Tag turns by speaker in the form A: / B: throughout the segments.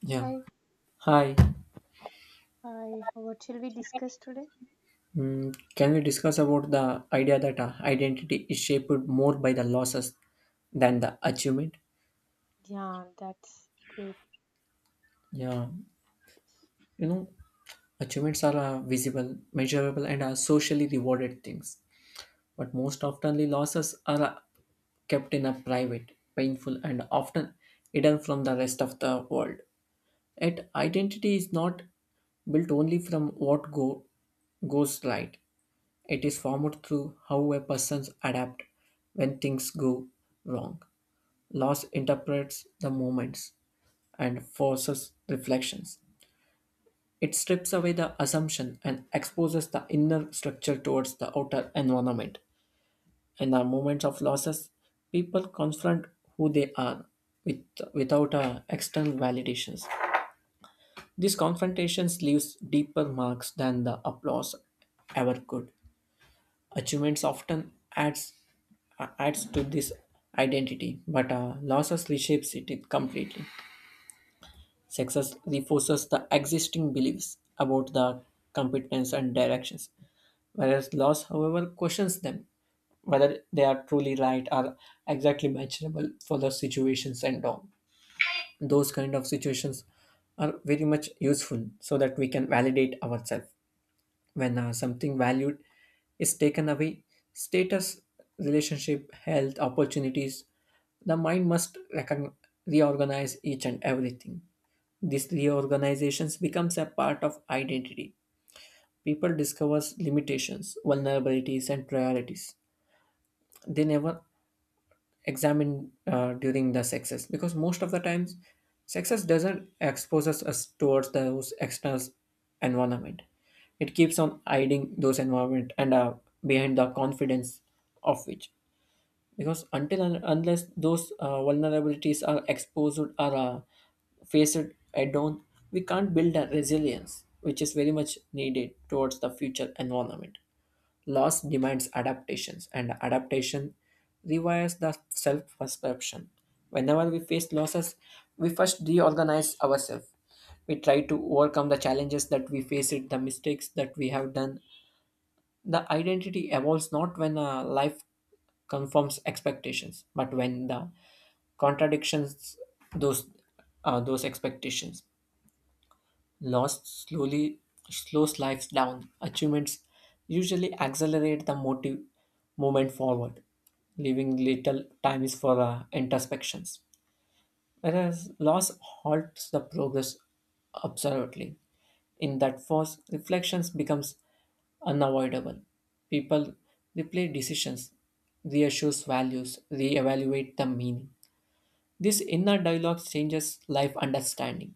A: Yeah.
B: Hi,
A: Hi.
B: hi. What shall we discuss today?
A: Can we discuss about the idea that identity is shaped more by the losses than the achievement?
B: Yeah, that's great.
A: Yeah. You know, achievements are visible, measurable, and are socially rewarded things. But most oftenly, losses are kept in a private, painful, and often hidden from the rest of the world. Yet, identity is not built only from what go goes right. It is formed through how a person adapts when things go wrong. Loss interprets the moments and forces reflections. It strips away the assumption and exposes the inner structure towards the outer environment. In the moments of losses, people confront who they are with, without external validations. These confrontations leaves deeper marks than the applause ever could. Achievements often adds to this identity, but losses reshapes it completely. Success reinforces the existing beliefs about the competence and directions, whereas loss, however, questions them whether they are truly right or exactly matchable for the situations and all. Those kind of situations are very much useful so that we can validate ourselves when something valued is taken away, status, relationship, health, opportunities. The mind must reorganize each and everything. These reorganizations becomes a part of identity. People discovers limitations, vulnerabilities, and priorities they never examined during the success, because most of the times success doesn't expose us towards those external environment. It keeps on hiding those environment and, behind the confidence of which, because until and unless those vulnerabilities are exposed or faced head on, we can't build a resilience which is very much needed towards the future environment. Loss demands adaptations, and adaptation rewires the self perception. Whenever we face losses, we first reorganize ourselves. We try to overcome the challenges that we face, it, the mistakes that we have done. The identity evolves not when life confirms expectations, but when the contradictions those those expectations. Loss slowly slows life down. Achievements usually accelerate the motive movement forward, leaving little time is for introspections. Whereas loss halts the progress absolutely. In that force, reflections becomes unavoidable. People replay decisions, reassess values, reevaluate the meaning. This inner dialogue changes life understanding.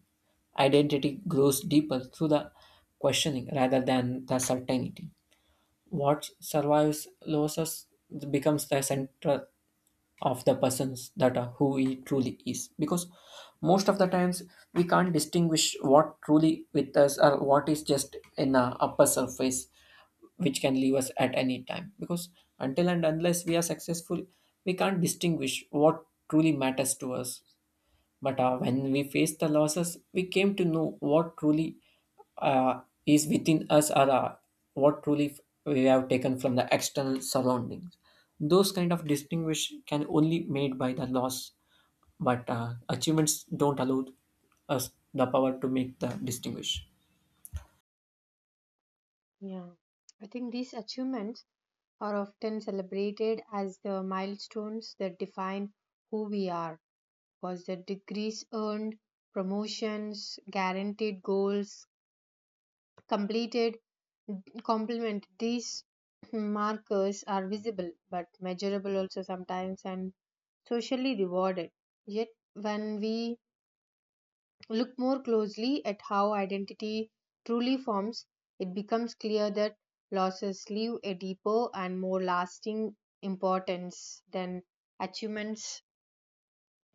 A: Identity grows deeper through the questioning rather than the certainty. What survives losses becomes the center of the person's that are who he truly is. Because most of the times we can't distinguish what truly with us or what is just in the upper surface, which can leave us at any time, because until and unless we are successful we can't distinguish what truly matters to us. But when we face the losses, we came to know what truly is within us, or what truly f- we have taken from the external surroundings. Those kind of distinguish can only made by the loss, but achievements don't allow us the power to make the distinguish.
B: Yeah. I think these achievements are often celebrated as the milestones that define who we are, because the degrees earned, promotions, guaranteed goals completed, complement these markers are visible but measurable also sometimes and socially rewarded. Yet when we look more closely at how identity truly forms, it becomes clear that losses leave a deeper and more lasting importance than achievements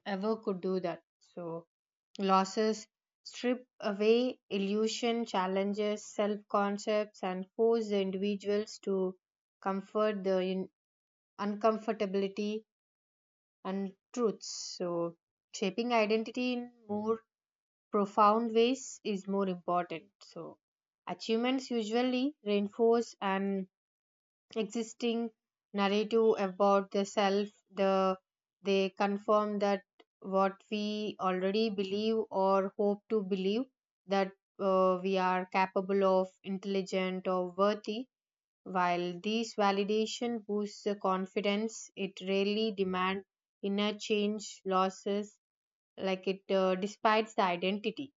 B: ever could do that. So, losses strip away illusion, challenges, self concepts, and force the individuals to comfort the in- uncomfortability and truths. So, shaping identity in more profound ways is more important. So, achievements usually reinforce an existing narrative about the self. The they confirm that what we already believe or hope to believe that we are capable of, intelligent or worthy. While this validation boosts the confidence, it rarely demands inner change losses like it despises the identity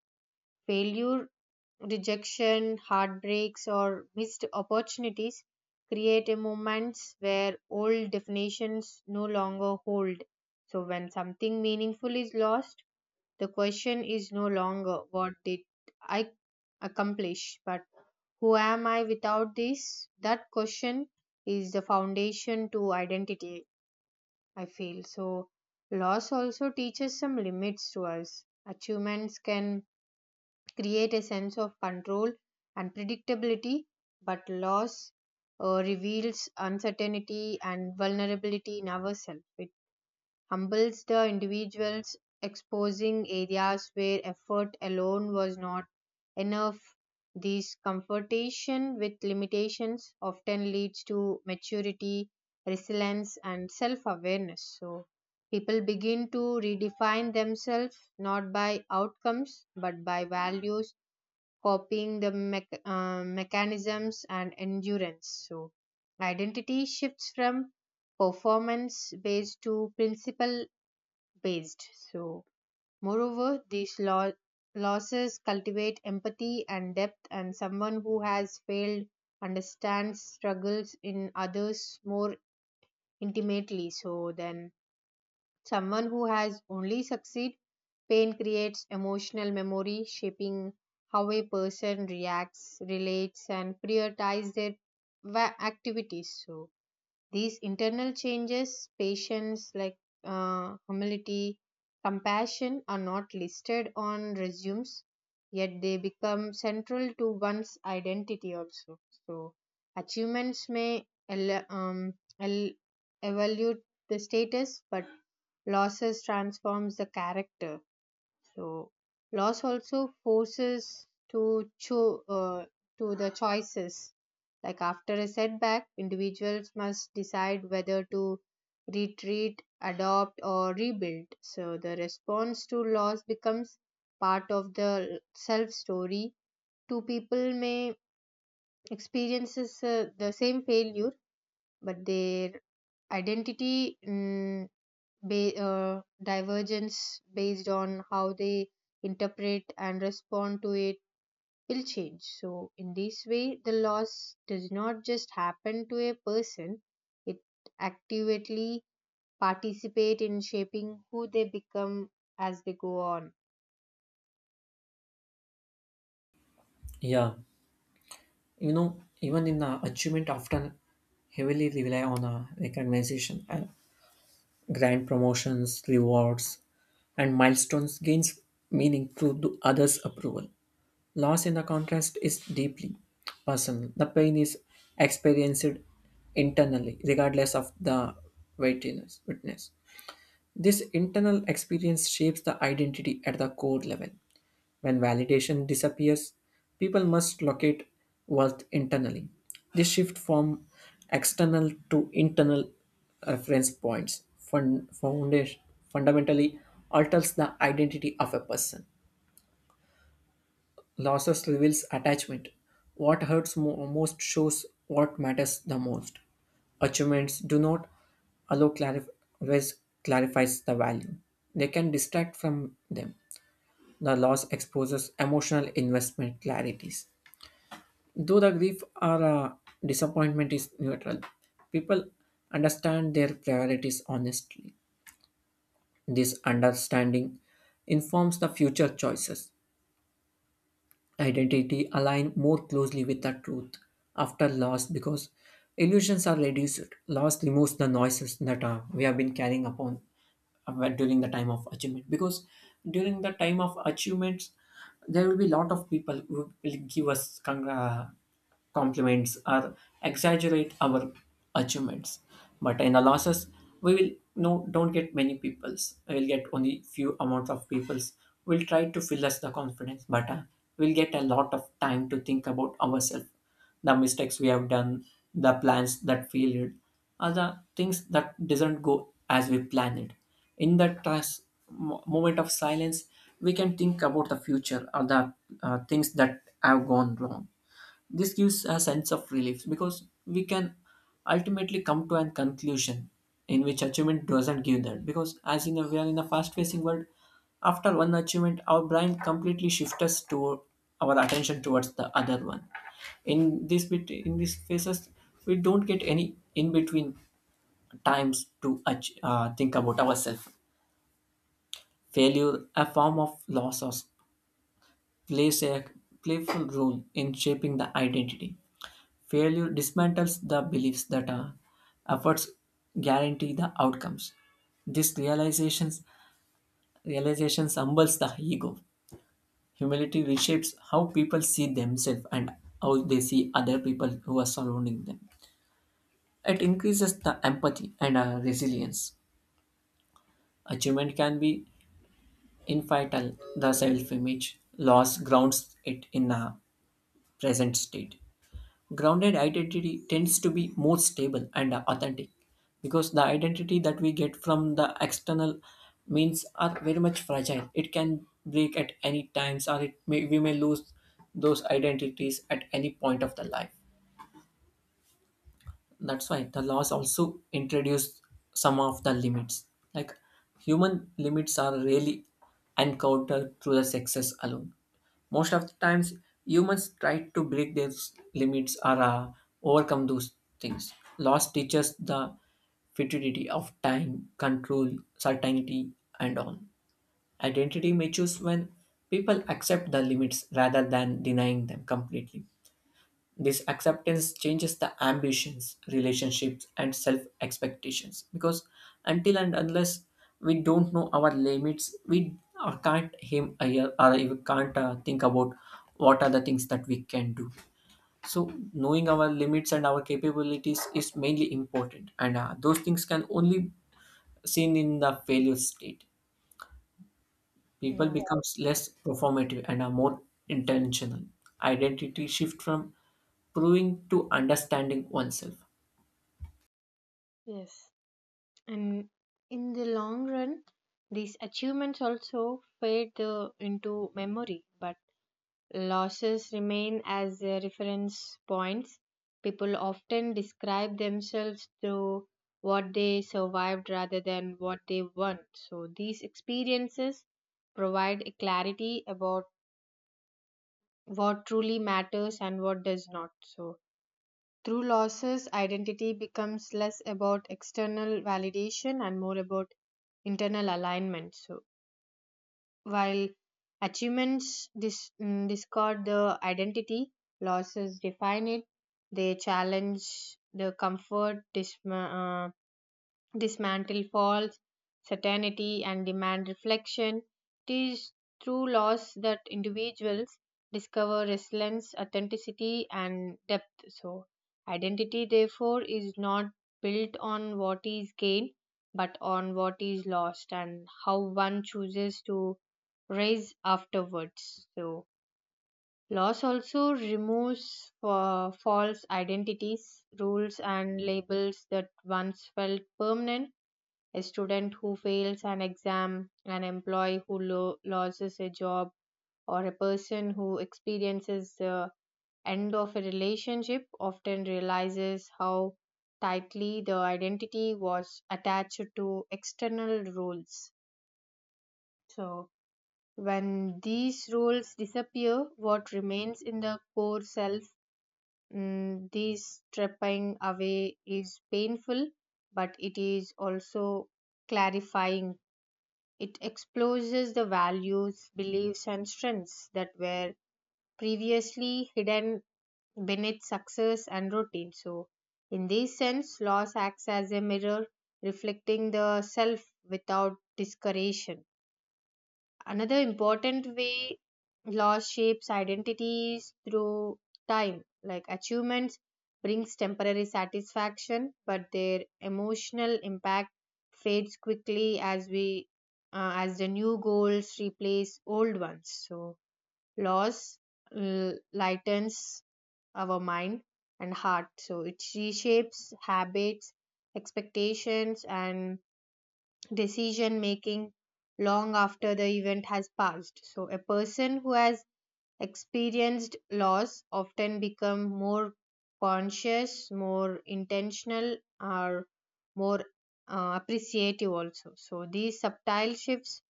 B: failure rejection, heartbreaks, or missed opportunities create a moments where old definitions no longer hold. So when something meaningful is lost, the question is no longer what did I accomplish, but who am I without this? That question is the foundation to identity, I feel. So loss also teaches some limits to us. Achievements can create a sense of control and predictability, but loss reveals uncertainty and vulnerability in ourselves. It humbles the individuals, exposing areas where effort alone was not enough. This confrontation with limitations often leads to maturity, resilience, and self awareness. So, people begin to redefine themselves not by outcomes but by values copying the mechanisms and endurance. So, identity shifts from performance based to principle based. So, moreover, these losses cultivate empathy and depth, and someone who has failed understands struggles in others more intimately so then someone who has only succeed, pain creates emotional memory, shaping how a person reacts, relates, and prioritizes their activities. So, these internal changes, patience, like humility, compassion, are not listed on resumes, yet they become central to one's identity also. So, achievements may el- evaluate the status, but losses transforms the character so loss also forces to to the choices. Like after a setback, individuals must decide whether to retreat, adopt, or rebuild. So the response to loss becomes part of the self story. Two people may experiences the same failure, but their identity divergence based on how they interpret and respond to it will change. So, in this way, the loss does not just happen to a person, it actively participate in shaping who they become as they go on.
A: Yeah, you know, even in the achievement, often heavily rely on recognition and grant promotions, rewards, and milestones gains meaning through the others' approval. Loss, in the contrast, is deeply personal. The pain is experienced internally, regardless of the witness. This internal experience shapes the identity at the core level. When validation disappears, people must locate worth internally. This shift from external to internal reference points fundamentally alters the identity of a person. Losses reveals attachment. What most shows what matters the most. Achievements do not allow clarif- always clarifies the value. They can distract from them. The loss exposes emotional investment clarities. Though the grief or disappointment is neutral, people understand their priorities honestly. This understanding informs the future choices. Identity align more closely with the truth after loss because illusions are reduced. Loss removes the noises that we have been carrying upon during the time of achievement, because during the time of achievements there will be lot of people who will give us compliments or exaggerate our achievements. But in the losses we will no don't get many people's, we will get only few amounts of people's. We will try to fill us the confidence, but we'll get a lot of time to think about ourselves, the mistakes we have done, the plans that failed, are the things that doesn't go as we planned it. In that moment of silence, we can think about the future or the things that have gone wrong. This gives a sense of relief because we can ultimately come to a conclusion in which achievement doesn't give that. Because as in a, we are in a fast-facing world, after one achievement, our brain completely shifts us to our attention towards the other one. In this bit, in these phases, we don't get any in between times to think about ourselves. Failure, a form of loss, or plays a playful role in shaping the identity. Failure dismantles the beliefs that efforts guarantee the outcomes. This realization humbles the ego. Humility reshapes how people see themselves and how they see other people who are surrounding them. It increases the empathy and, resilience. Achievement can be infidel the self image. Loss grounds it in a present state. Grounded identity tends to be more stable and authentic, because the identity that we get from the external means are very much fragile. It can break at any times, or it may, we may lose those identities at any point of the life. That's why the laws also introduce some of the limits, like human limits are really encountered through the success alone. Most of the times humans try to break those limits, or overcome those things. Laws teaches the futility of time, control, certainty, and all. Identity matures when people accept the limits rather than denying them completely. This acceptance changes the ambitions, relationships, and self expectations, because until and unless we don't know our limits, we can't aim higher, or we can't think about what are the things that we can do. So, knowing our limits and our capabilities is mainly important, and those things can only seen in the failure state. People
B: Yeah,
A: becomes less performative and are more intentional. Identity shift from proving to understanding oneself.
B: yes. And in the long run, these achievements also fade into memory, but losses remain as their reference points. People often describe themselves through what they survived rather than what they won. So, these experiences provide a clarity about what truly matters and what does not. So, through losses, identity becomes less about external validation and more about internal alignment. So, while achievements discard the identity, losses define it. They challenge the comfort, dismantle false certainty and demand reflection. It is through laws that individuals discover resilience, authenticity, and depth. So, identity, therefore, is not built on what is gained but on what is lost and how one chooses to raise afterwards. So, loss also removes false identities, rules, and labels that once felt permanent a student who fails an exam, an employee who loses a job, or a person who experiences the end of a relationship often realizes how tightly the identity was attached to external rules. So, when these rules disappear, what remains in the core self, mm, this stripping away is painful, but it is also clarifying. It exposes the values, beliefs, and strengths that were previously hidden beneath success and routine. So, in this sense, loss acts as a mirror reflecting the self without discouragement. Another important way loss shapes identities through time, like achievements brings temporary satisfaction, but their emotional impact fades quickly as we as the new goals replace old ones. So loss lightens our mind and heart. So it reshapes habits, expectations, and decision making long after the event has passed. So, a person who has experienced loss often become more conscious, more intentional, or more appreciative also. So, these subtle shifts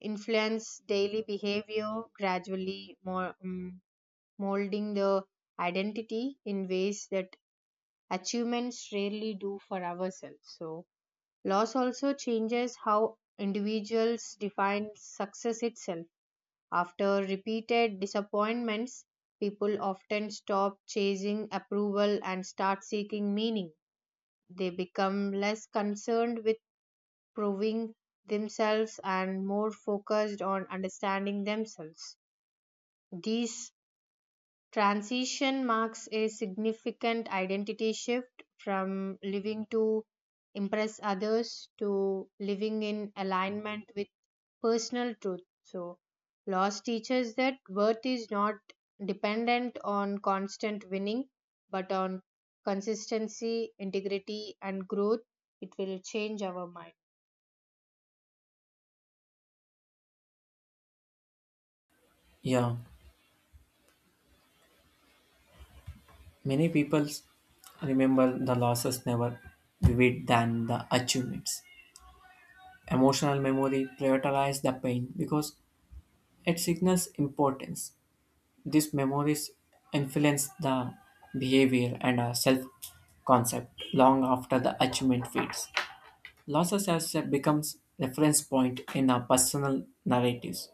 B: influence daily behavior, gradually molding the identity in ways that achievements rarely do for ourselves. So, loss also changes how individuals define success itself. After repeated disappointments, people often stop chasing approval and start seeking meaning. They become less concerned with proving themselves and more focused on understanding themselves. This transition marks a significant identity shift from living to impress others to living in alignment with personal truth. So, loss teaches that worth is not dependent on constant winning, but on consistency, integrity, and growth. It will change our mind.
A: Yeah, many people remember the losses never vivid than the achievements. Emotional memory prioritize the pain because it signals importance. These memories influence the behavior and our self concept long after the achievement fades. Losses as a becomes reference point in our personal narratives.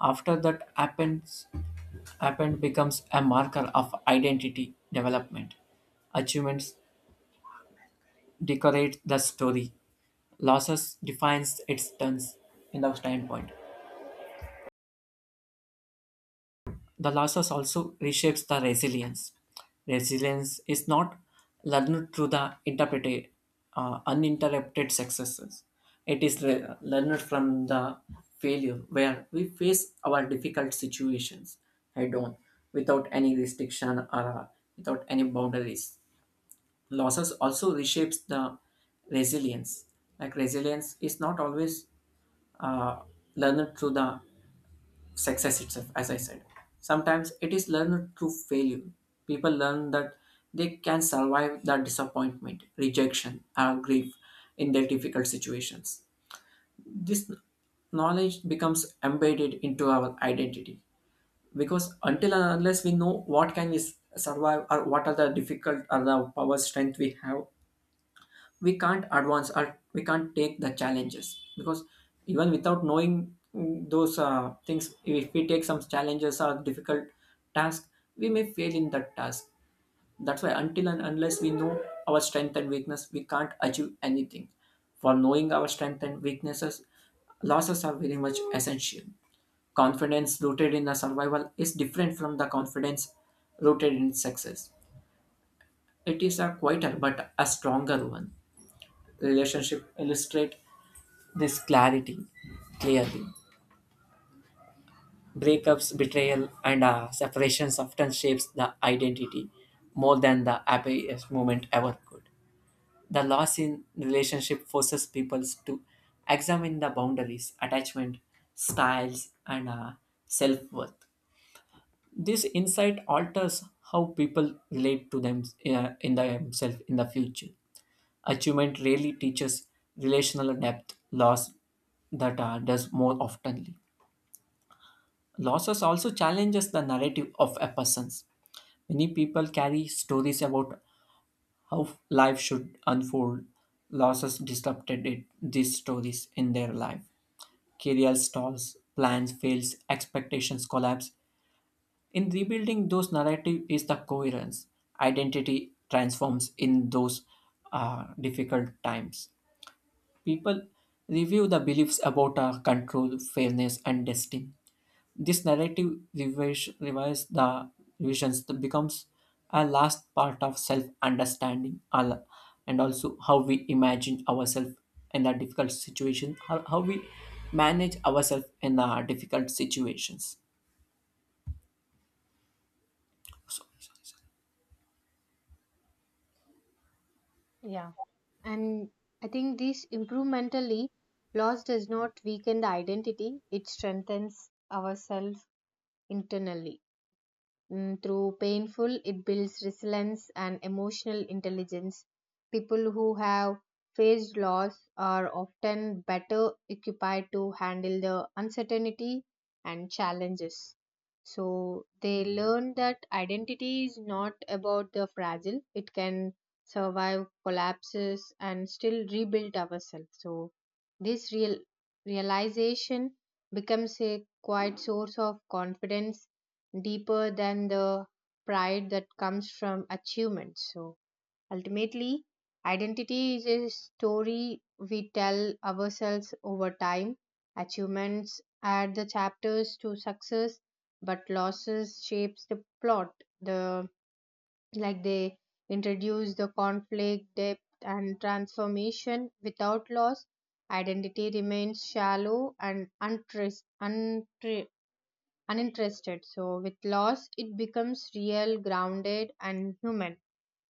A: After that happens, happened becomes a marker of identity development. Achievements decorate the story. Losses defines its turns in the standpoint. The losses also reshapes the resilience. Resilience is not learned through the uninterrupted successes. It is learned from the failure, where we face our difficult situations head on without any restriction or uh, without any boundaries. Losses also reshapes the resilience. Like resilience is not always uh, learned through the success itself, as I said. Sometimes it is learned through failure. People learn that they can survive the disappointment, rejection, or grief in their difficult situations. This knowledge becomes embedded into our identity, because until and unless we know what can we survive, or what are the difficult or the power strength we have, we can't advance or we can't take the challenges. Because even without knowing those things, if we take some challenges or difficult task, we may fail in that task. That's why until and unless we know our strength and weakness, we can't achieve anything. For knowing our strength and weaknesses, losses are very much essential. Confidence rooted in a survival is different from the confidence rooted in success. It is a quieter but a stronger one. Relationship illustrate this clarity clearly. Breakups, betrayal, and separations often shapes the identity more than the happiest moment ever could. The loss in relationship forces people to examine the boundaries, attachment, styles, and self-worth. This insight alters how people relate to them in themselves in the future. Achievement really teaches relational depth, loss that does more oftenly. Losses also challenges the narrative of a person's. Many people carry stories about how life should unfold. Losses disrupted it, these stories in their life. Career stalls, plans fails, expectations collapse. In rebuilding those narrative is the coherence. Identity transforms in those difficult times. People review the beliefs about control, fairness, and destiny. This narrative revise the revisions that becomes a last part of self-understanding, and also how we imagine ourselves in a difficult situation, how we manage ourselves in difficult situations.
B: Yeah. And I think this incrementally, loss does not weaken the identity, it strengthens ourselves internally. Mm, through painful, it builds resilience and emotional intelligence. People who have faced loss are often better equipped to handle the uncertainty and challenges. So they learn that identity is not about the fragile, it can survive collapses and still rebuild ourselves. So this realization becomes a quiet source of confidence deeper than the pride that comes from achievement. So ultimately, identity is a story we tell ourselves over time. Achievements add the chapters to success, but losses shapes the plot. The like they introduce the conflict, depth, and transformation. Without loss, identity remains shallow and untrace, untra uninterested. So, with loss, it becomes real, grounded, and human.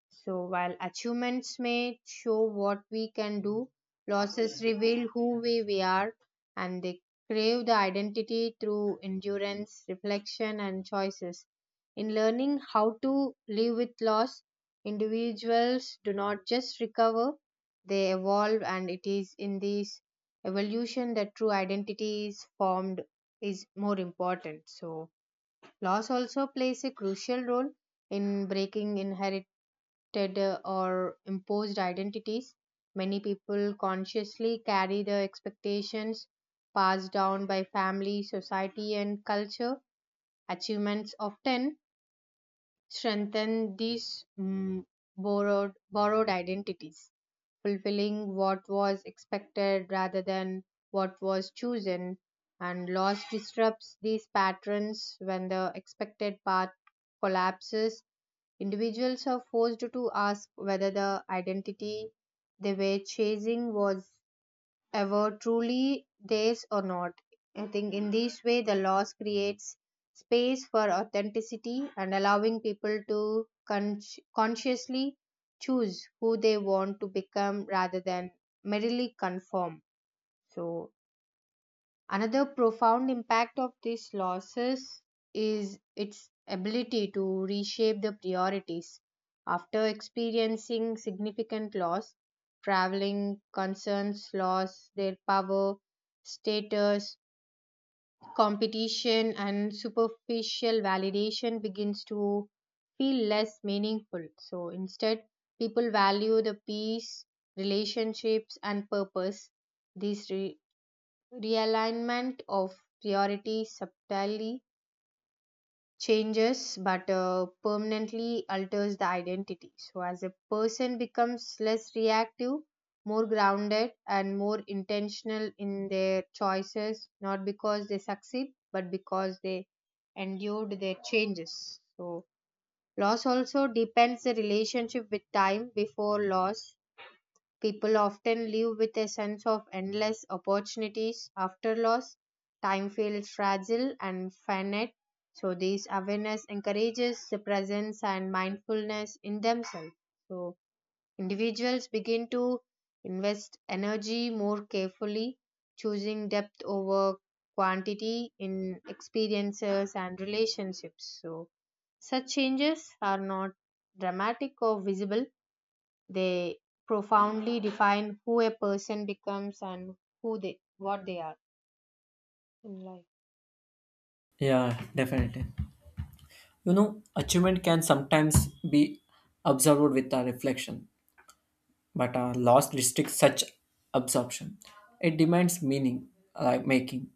B: So, while achievements may show what we can do, losses reveal we are and they crave the identity through endurance, reflection, and choices. In learning how to live with loss, individuals do not just recover, they evolve, and it is in this evolution that true identity is formed is more important. So, loss also plays a crucial role in breaking inherited or imposed identities. Many people consciously carry the expectations passed down by family, society, and culture. Achievements often strengthen these mm, borrowed identities fulfilling what was expected rather than what was chosen and loss disrupts these patterns when the expected path collapses individuals are forced to ask whether the identity they were chasing was ever truly theirs or not. I think in this way, the laws creates space for authenticity and allowing people to consciously choose who they want to become rather than merely conform. So, another profound impact of these losses is its ability to reshape the priorities. After experiencing significant loss, traveling concerns lost their power, status, competition, and superficial validation begins to feel less meaningful. So instead, people value the peace, relationships, and purpose. These realignment of priority subtly changes but permanently alters the identity so as a person becomes less reactive more grounded and more intentional in their choices not because they succeed but because they endured their changes so loss also depends the relationship with time before loss people often live with a sense of endless opportunities after loss. Time feels fragile and finite, so this awareness encourages the presence and mindfulness in themselves. So individuals begin to invest energy more carefully, choosing depth over quantity in experiences and relationships. So such changes are not dramatic or visible they profoundly define who a person becomes and who they what they are in life.
A: Yeah, definitely. You know, achievement can sometimes be observed with a reflection, but loss restricts such absorption. It demands meaning, like making.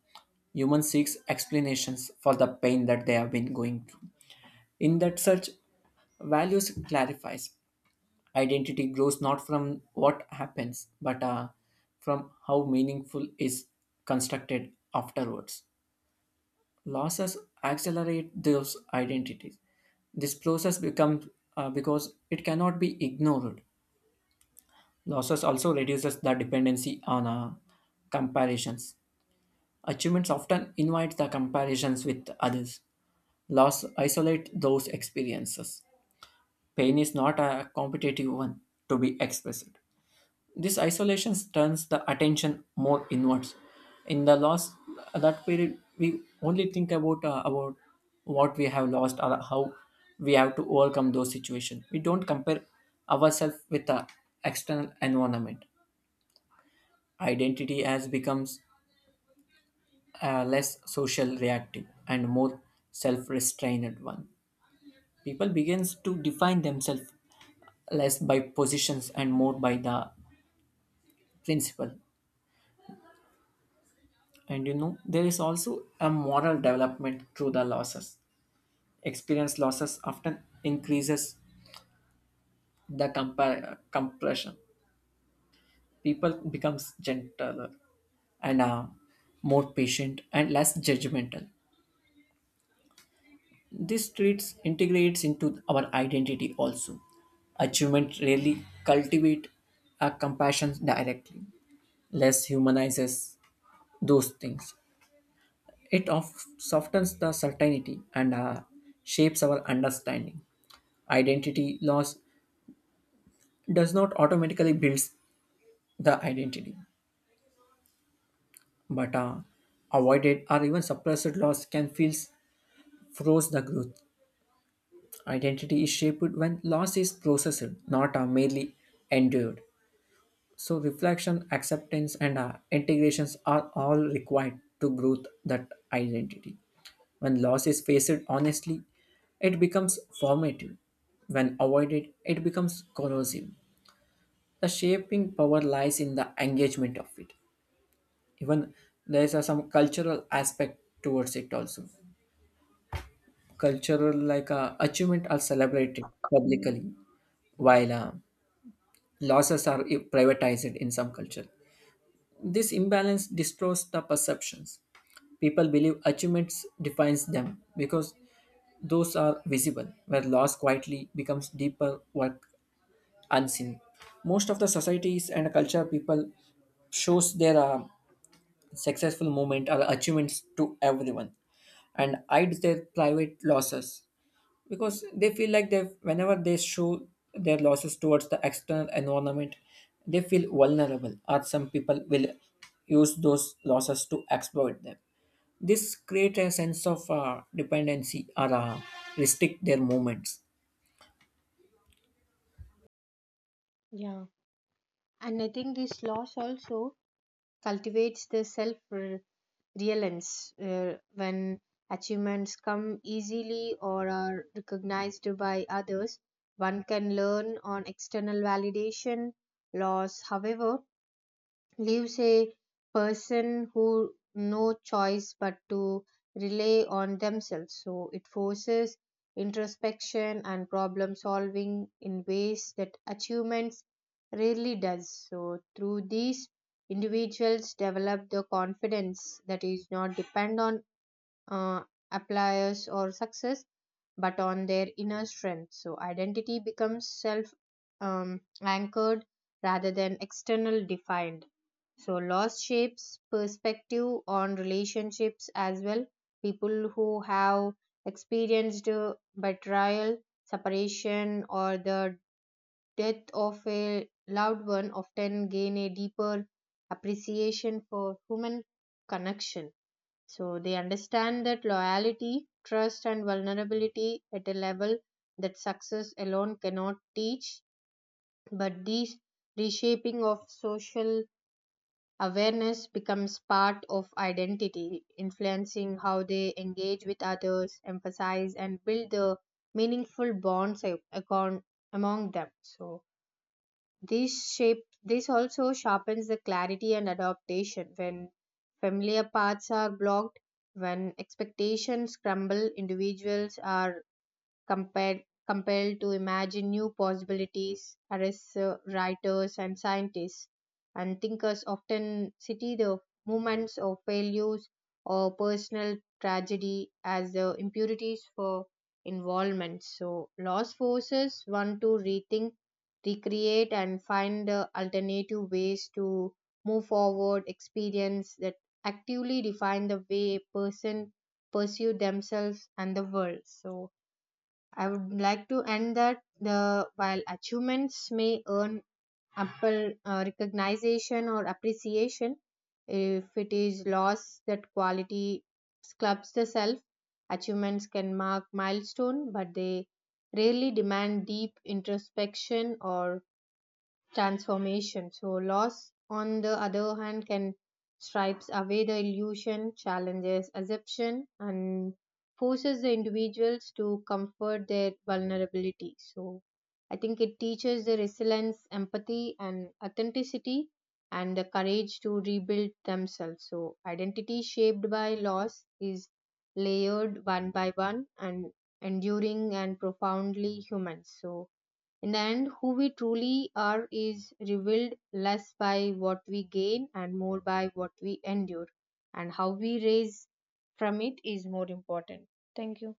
A: Human seeks explanations for the pain that they have been going through. In that search, values clarifies. Identity grows not from what happens, but from how meaningful is constructed afterwards. Losses accelerate those identities. This process becomes because it cannot be ignored. Losses also reduces the dependency on comparisons. Achievements often invite the comparisons with others. Loss isolate those experiences. Pain is not a competitive one to be expressed. This isolation turns the attention more inwards. In the loss, that period we only think about what we have lost or how we have to overcome those situations. We don't compare ourselves with the external environment. Identity has become a less social reactive and more self-restrained one. People begins to define themselves less by positions and more by the principle. And you know, there is also a moral development through the losses. Experience losses often increases the compassion. People becomes gentler and more patient and less judgmental. This traits integrates into our identity also. Achievement rarely cultivate a compassion directly. Less humanizes those things. It of softens the certainty and shapes our understanding. Identity loss does not automatically build the identity, but avoided or even suppressed loss can feel froze the growth. Identity is shaped when loss is processed, not merely endured. So reflection, acceptance, and integrations are all required to grow that identity. When loss is faced honestly, it becomes formative. When avoided, it becomes corrosive. The shaping power lies in the engagement of it. Even there is a some cultural aspect towards it also. Cultural like achievement are celebrated publicly, while losses are privatized in some culture. This imbalance distorts the perceptions. People believe achievements defines them because those are visible, where loss quietly becomes deeper work unseen. Most of the societies and culture people shows their successful moment or achievements to everyone and hides their private losses, because they feel like they whenever they show their losses towards the external environment they feel vulnerable, or some people will use those losses to exploit them. This creates a sense of dependency, or restrict their movements.
B: Yeah. And I think this loss also cultivates the self reliance uh, when achievements come easily or are recognized by others one can learn on external validation loss however leaves a person who no choice but to rely on themselves so it forces introspection and problem solving in ways that achievements rarely does so through these individuals develop the confidence that is not depend on uh, appliers or success but on their inner strength. So identity becomes self anchored rather than external defined. So loss shapes perspective on relationships as well. People who have experienced betrayal, separation, or the death of a loved one often gain a deeper appreciation for human connection. So they understand that loyalty, trust, and vulnerability at a level that success alone cannot teach. But these reshaping of social awareness becomes part of identity, influencing how they engage with others, emphasize, and build the meaningful bonds among them. So this also sharpens the clarity and adaptation when familiar paths are blocked, when expectations crumble, individuals are compared compelled to imagine new possibilities artists writers and scientists and thinkers often cite the moments of failures or personal tragedy as the impurities for involvement so loss forces one to rethink recreate and find alternative ways to move forward experience that actively define the way a person pursue themselves and the world so I would like to end that the while achievements may earn ample recognition or appreciation, if it is lost that quality sculpts the self. Achievements can mark milestone, but they rarely demand deep introspection or transformation. So, loss, on the other hand, can stripes away the illusion, challenges assumption, and forces the individuals to comfort their vulnerability. So, I think it teaches the resilience, empathy, and authenticity, and the courage to rebuild themselves. So, identity shaped by loss is layered one by one and enduring and profoundly human. So, in the end, who we truly are is revealed less by what we gain and more by what we endure, and how we rise from it is more important. Thank you.